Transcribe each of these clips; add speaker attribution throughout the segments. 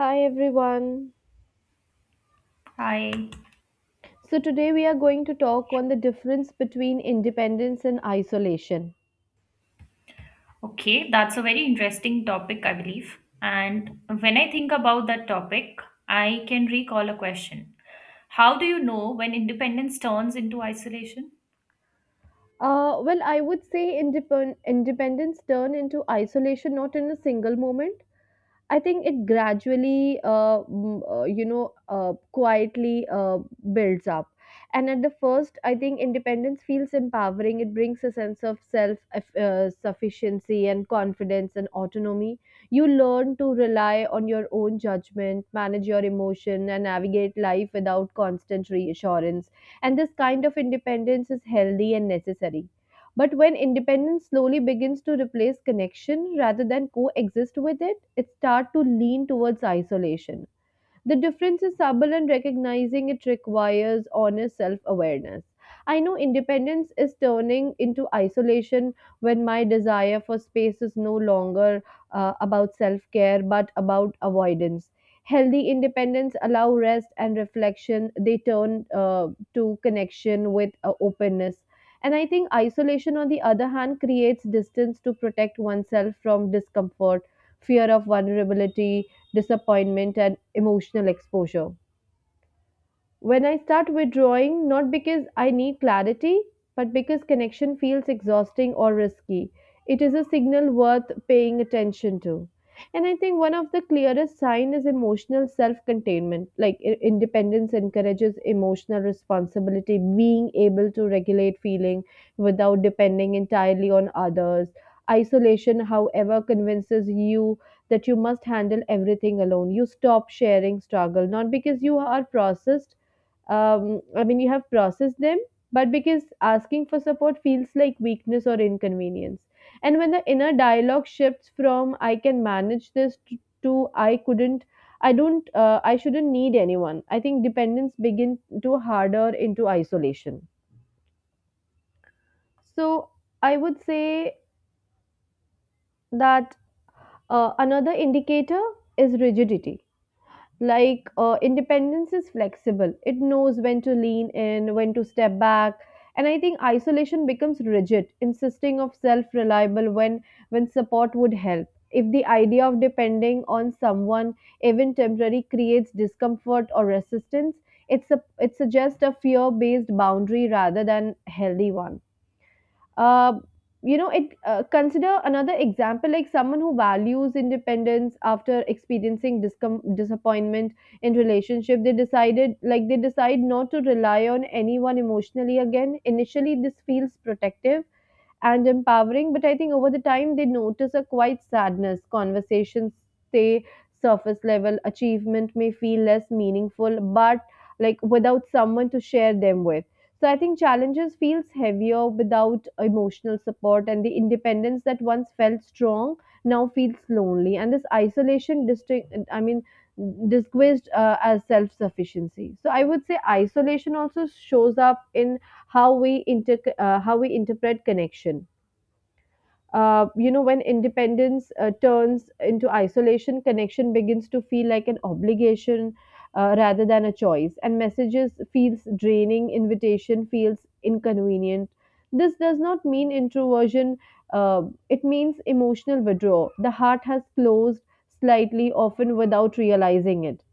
Speaker 1: Hi everyone.
Speaker 2: Hi.
Speaker 1: So today we are going to talk on the difference between independence and isolation.
Speaker 2: Okay, that's a very interesting topic, I believe. And when I think about that topic, I can recall a question. How do you know when independence turns into isolation?
Speaker 1: I would say independence turned into isolation not in a single moment. I think it gradually, quietly builds up. And at the first, I think independence feels empowering. It brings a sense of self sufficiency and confidence and autonomy. You learn to rely on your own judgment, manage your emotion, and navigate life without constant reassurance. And this kind of independence is healthy and necessary. But when independence slowly begins to replace connection rather than coexist with it, it starts to lean towards isolation. The difference is subtle, and recognizing it requires honest self awareness. I know independence is turning into isolation when my desire for space is no longer about self care but about avoidance. Healthy independence allow rest and reflection. They turn to connection with openness. And I think isolation, on the other hand, creates distance to protect oneself from discomfort, fear of vulnerability, disappointment, and emotional exposure. When I start withdrawing, not because I need clarity, but because connection feels exhausting or risky, it is a signal worth paying attention to. And I think one of the clearest signs is emotional self containment. Like independence encourages emotional responsibility, being able to regulate feeling without depending entirely on others. Isolation, however, convinces you that you must handle everything alone. You stop sharing struggle, not because you are processed, I mean, you have processed them, but because asking for support feels like weakness or inconvenience. And when the inner dialogue shifts from I can manage this to I couldn't, I don't, I shouldn't need anyone, I think dependence begins to harder into isolation. So I would say that another indicator is rigidity. Like independence is flexible, it knows when to lean in, when to step back. And I think isolation becomes rigid, insisting of self-reliable when support would help. If the idea of depending on someone, even temporary, creates discomfort or resistance, it's a it suggests a fear-based boundary rather than healthy one. Uh, it consider another example like someone who values independence after experiencing disappointment in relationship. They decide not to rely on anyone emotionally again. Initially, this feels protective and empowering. But I think over the time, they notice a quiet sadness. Conversations stay surface level, achievement may feel less meaningful, but like without someone to share them with. So I think challenges feels heavier without emotional support and the independence that once felt strong now feels lonely and this isolation distinct I mean disguised as self sufficiency. So I would say isolation also shows up in how we interpret connection. When independence turns into isolation, connection begins to feel like an obligation rather than a choice, and messages feels draining, invitation feels inconvenient. This does not mean introversion. Uh, it means emotional withdrawal. The heart has closed slightly, often without realizing it.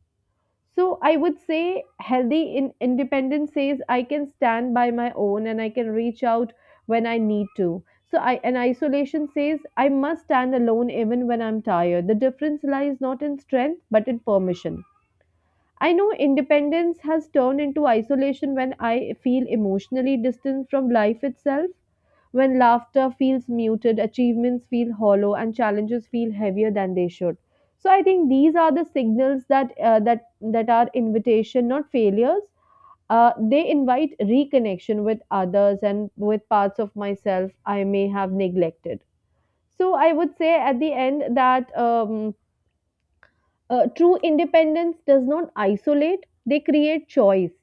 Speaker 1: So I would say healthy in independence says I can stand by my own and I can reach out when I need to. So I and isolation says I must stand alone even when I'm tired. The difference lies not in strength but in permission. I know independence has turned into isolation when I feel emotionally distant from life itself, when laughter feels muted, achievements feel hollow, and challenges feel heavier than they should. So I think these are the signals that are invitation, not failures. They invite reconnection with others and with parts of myself I may have neglected. So I would say at the end that true independence does not isolate, they create choice.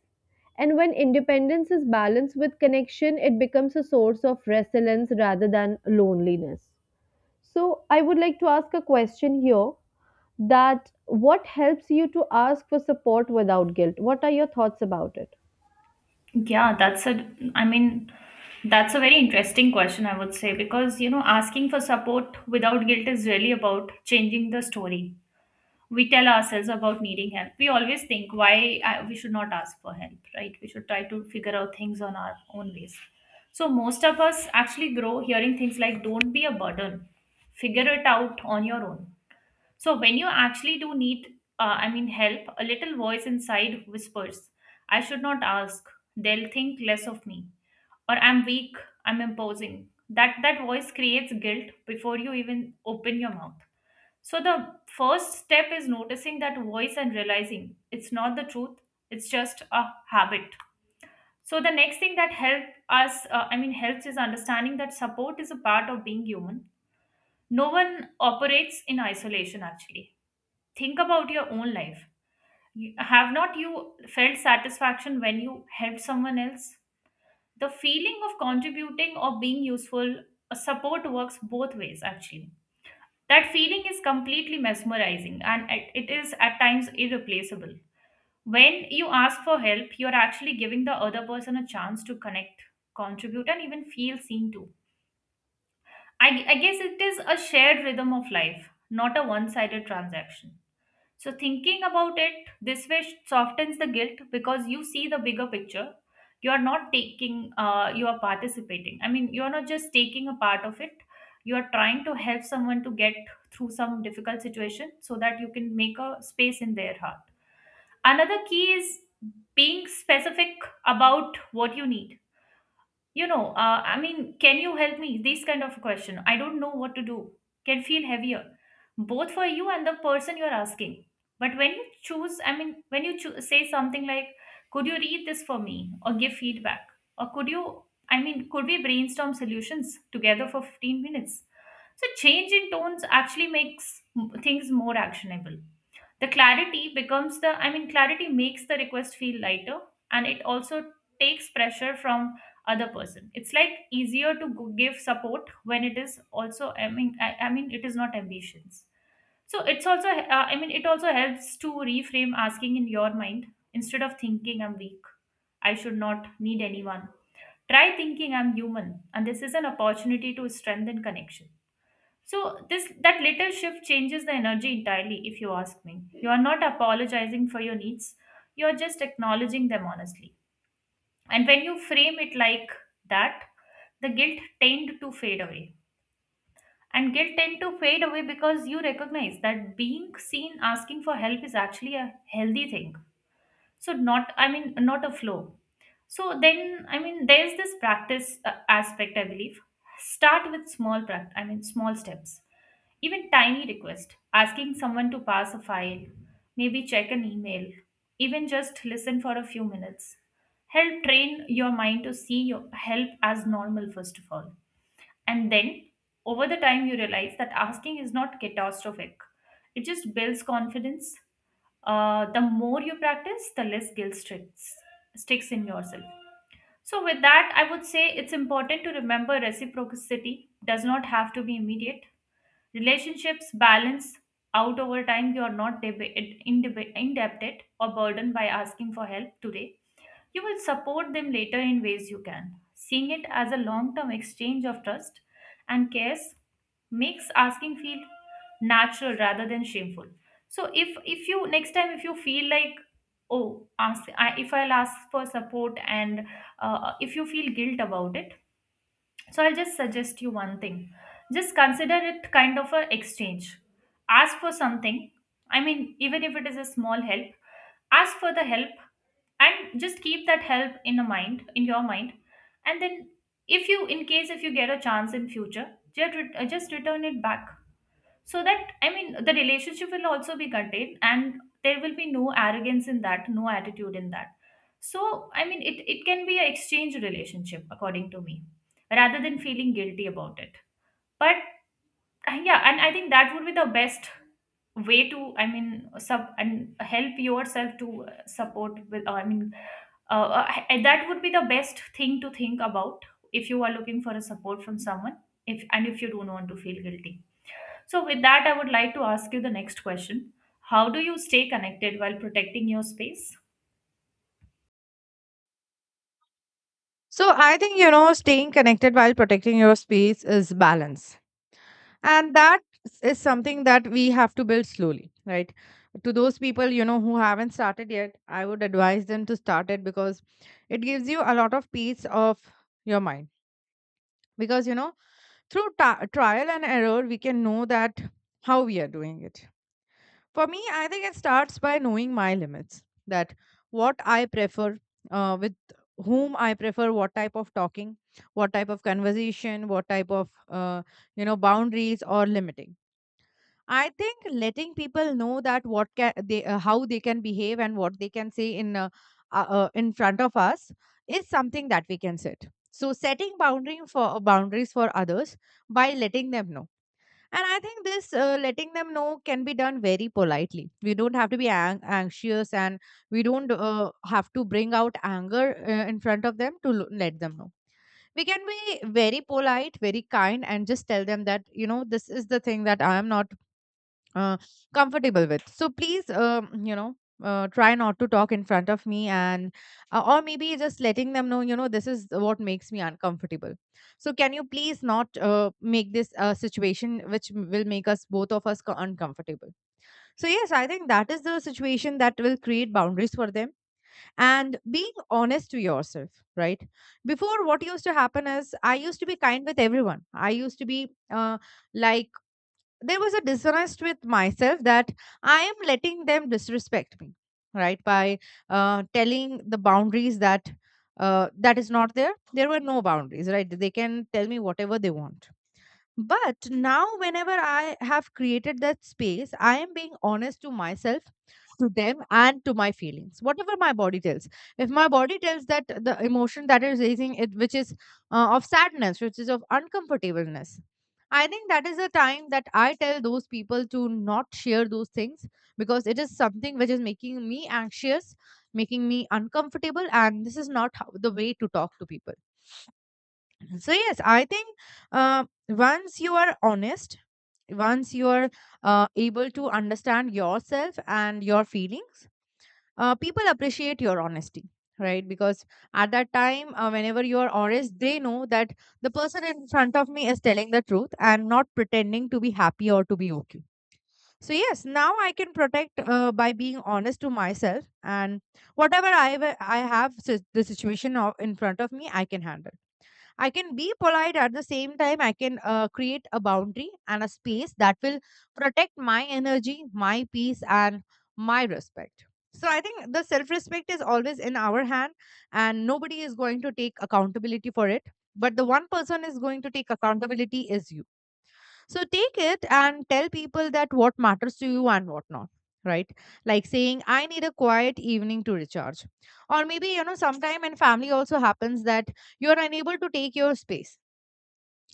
Speaker 1: And when independence is balanced with connection, it becomes a source of resilience rather than loneliness. So, I would like to ask a question here that what helps you to ask for support without guilt? What are your thoughts about it?
Speaker 2: Yeah, that's a, I mean, that's a very interesting question, I would say, because, you know, asking for support without guilt is really about changing the story. We tell ourselves about needing help. We always think why we should not ask for help, right? We should try to figure out things on our own ways. So most of us actually grow hearing things like don't be a burden, figure it out on your own. So when you actually do need help, a little voice inside whispers, I should not ask, they'll think less of me, or I'm weak, I'm imposing. That voice creates guilt before you even open your mouth. So the first step is noticing that voice and realizing it's not the truth, it's just a habit. So the next thing that helps is understanding that support is a part of being human. No one operates in isolation. Actually, think about your own life. Have not you felt satisfaction when you helped someone else? The feeling of contributing or being useful, support works both ways. Actually, that feeling is completely mesmerizing and it is at times irreplaceable. When you ask for help, you're actually giving the other person a chance to connect, contribute, and even feel seen too. I guess it is a shared rhythm of life, not a one sided transaction. So, thinking about it this way softens the guilt because you see the bigger picture. You are not you are participating. I mean, you are not just taking a part of it. You are trying to help someone to get through some difficult situation so that you can make a space in their heart. Another key is being specific about what you need. You know, can you help me? This kind of question. I don't know what to do. Can feel heavier, both for you and the person you're asking. But when you choose, I mean, when you choo- say something like, could you read this for me or give feedback? Or could you, I mean, could we brainstorm solutions together for 15 minutes? So change in tones actually makes things more actionable. The clarity becomes the I mean clarity makes the request feel lighter, and it also takes pressure from other person. It's like easier to give support when it is also it is not ambitions. So it's also it also helps to reframe asking in your mind. Instead of thinking I'm weak, I should not need anyone, try thinking I'm human and this is an opportunity to strengthen connection. So this that little shift changes the energy entirely if you ask me. You are not apologizing for your needs. You are just acknowledging them honestly. And when you frame it like that, the guilt tend to fade away. And guilt tend to fade away because you recognize that being seen asking for help is actually a healthy thing. So not, I mean, not a flaw. So then, I mean, there's this practice aspect, I believe. Start with small practice, I mean, small steps. Even tiny request, asking someone to pass a file, maybe check an email, even just listen for a few minutes. Help train your mind to see your help as normal, first of all. And then, over the time, you realize that asking is not catastrophic. It just builds confidence. The more you practice, the less sticks in yourself. So, with that, I would say it's important to remember reciprocity does not have to be immediate. Relationships balance out over time. You are not indebted or burdened by asking for help today. You will support them later in ways you can. Seeing it as a long term exchange of trust and cares makes asking feel natural rather than shameful. So if you next time if you feel like, oh if I'll ask for support, and if you feel guilt about it, so I'll just suggest you one thing. Just consider it kind of a exchange. Ask for something. I mean, even if it is a small help, ask for the help and just keep that help in your mind, and then if you in case if you get a chance in future, just, just return it back so that, I mean, the relationship will also be contained, and there will be no arrogance in that, no attitude in that. So I mean, it can be an exchange relationship according to me rather than feeling guilty about it. But yeah, and I think that would be the best way to, I mean, sub and help yourself to support with I mean h- that would be the best thing to think about if you are looking for a support from someone, if and if you don't want to feel guilty. So with that, I would like to ask you the next question. How do you stay connected while protecting your space?
Speaker 3: So I think, you know, staying connected while protecting your space is balance. And that is something that we have to build slowly, right? To those people, you know, who haven't started yet, I would advise them to start it because it gives you a lot of peace of your mind. Because, you know, through trial and error, we can know that how we are doing it for me, I think it starts by knowing my limits that what I prefer, with whom I prefer, what type of talking, what type of conversation, what type of, you know, boundaries or limiting. I think letting people know that what can they, how they can behave and what they can say in front of us is something that we can set. So setting boundary for boundaries for others by letting them know and I think this letting them know can be done very politely. We don't have to be anxious and we don't have to bring out anger in front of them to let them know. We can be very polite, very kind, and just tell them that, you know, this is the thing that I am not uh, comfortable with. So please, you know, try not to talk in front of me and, or maybe just letting them know, you know, this is what makes me uncomfortable. So can you please not, make this a situation which will make us both of us uncomfortable. So yes, I think that is the situation that will create boundaries for them and being honest to yourself, right? Before, what used to happen is I used to be kind with everyone. I used to be, like, there was a dissonance with myself that I am letting them disrespect me, right? By, telling the boundaries that, that is not there. There were no boundaries, right? They can tell me whatever they want. But now, whenever I have created that space, I am being honest to myself, to them, and to my feelings, whatever my body tells. If my body tells that the emotion that is raising it, which is, of sadness, which is of uncomfortableness, I think that is the time that I tell those people to not share those things, because it is something which is making me anxious, making me uncomfortable, and this is not how, the way to talk to people. So yes, I think, once you are honest, once you are, able to understand yourself and your feelings, people appreciate your honesty, right? Because at that time, whenever you are honest, they know that the person in front of me is telling the truth and not pretending to be happy or to be okay. So yes, now I can protect, by being honest to myself, and whatever I have, the situation of in front of me, I can handle. I can be polite at the same time. I can, create a boundary and a space that will protect my energy, my peace, and my respect. So I think the self respect is always in our hand, and nobody is going to take accountability for it. But the one person is going to take accountability is you. So take it and tell people that what matters to you and what not. Right? Like saying, I need a quiet evening to recharge. Or maybe, you know, sometime in family also happens that you're unable to take your space.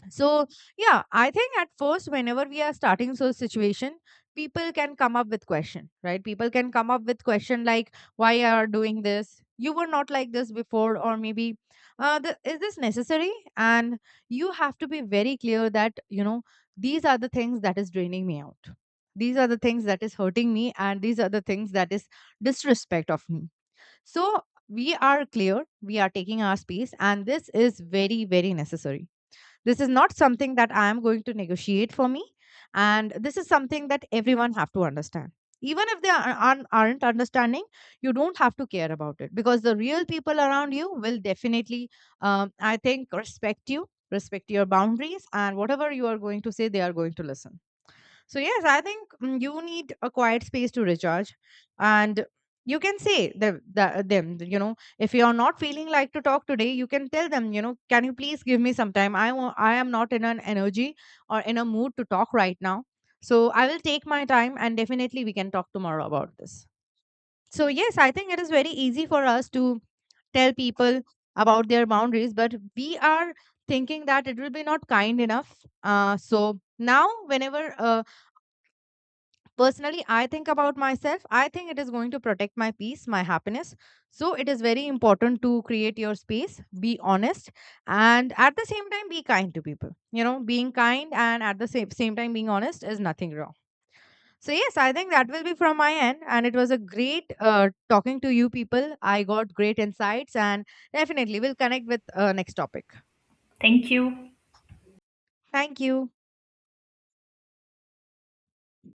Speaker 3: So, yeah, I think at first, whenever we are starting so situation, people can come up with question, right? People can come up with question like, why you are doing this? You were not like this before, or maybe, is this necessary? And you have to be very clear that, you know, these are the things that is draining me out. These are the things that is hurting me, and these are the things that is disrespect of me. So we are clear, we are taking our space, and this is very, very necessary. This is not something that I am going to negotiate for me, and this is something that everyone have to understand. Even if they aren't understanding, you don't have to care about it, because the real people around you will definitely, I think, respect you, respect your boundaries, and whatever you are going to say they are going to listen. So, yes, I think, mm, you need a quiet space to recharge. And you can say them, you know, if you are not feeling like to talk today, you can tell them, you know, can you please give me some time? I am not in an energy or in a mood to talk right now. So, I will take my time and definitely we can talk tomorrow about this. So, yes, I think it is very easy for us to tell people about their boundaries, but we are thinking that it will be not kind enough. So now, whenever, personally, I think about myself. I think it is going to protect my peace, my happiness. So it is very important to create your space, be honest, and at the same time, be kind to people. You know, being kind and at the same time being honest is nothing wrong. So, yes, I think that will be from my end. And it was a great, talking to you people. I got great insights, and definitely we'll connect with, next topic.
Speaker 2: Thank you.
Speaker 3: Thank you.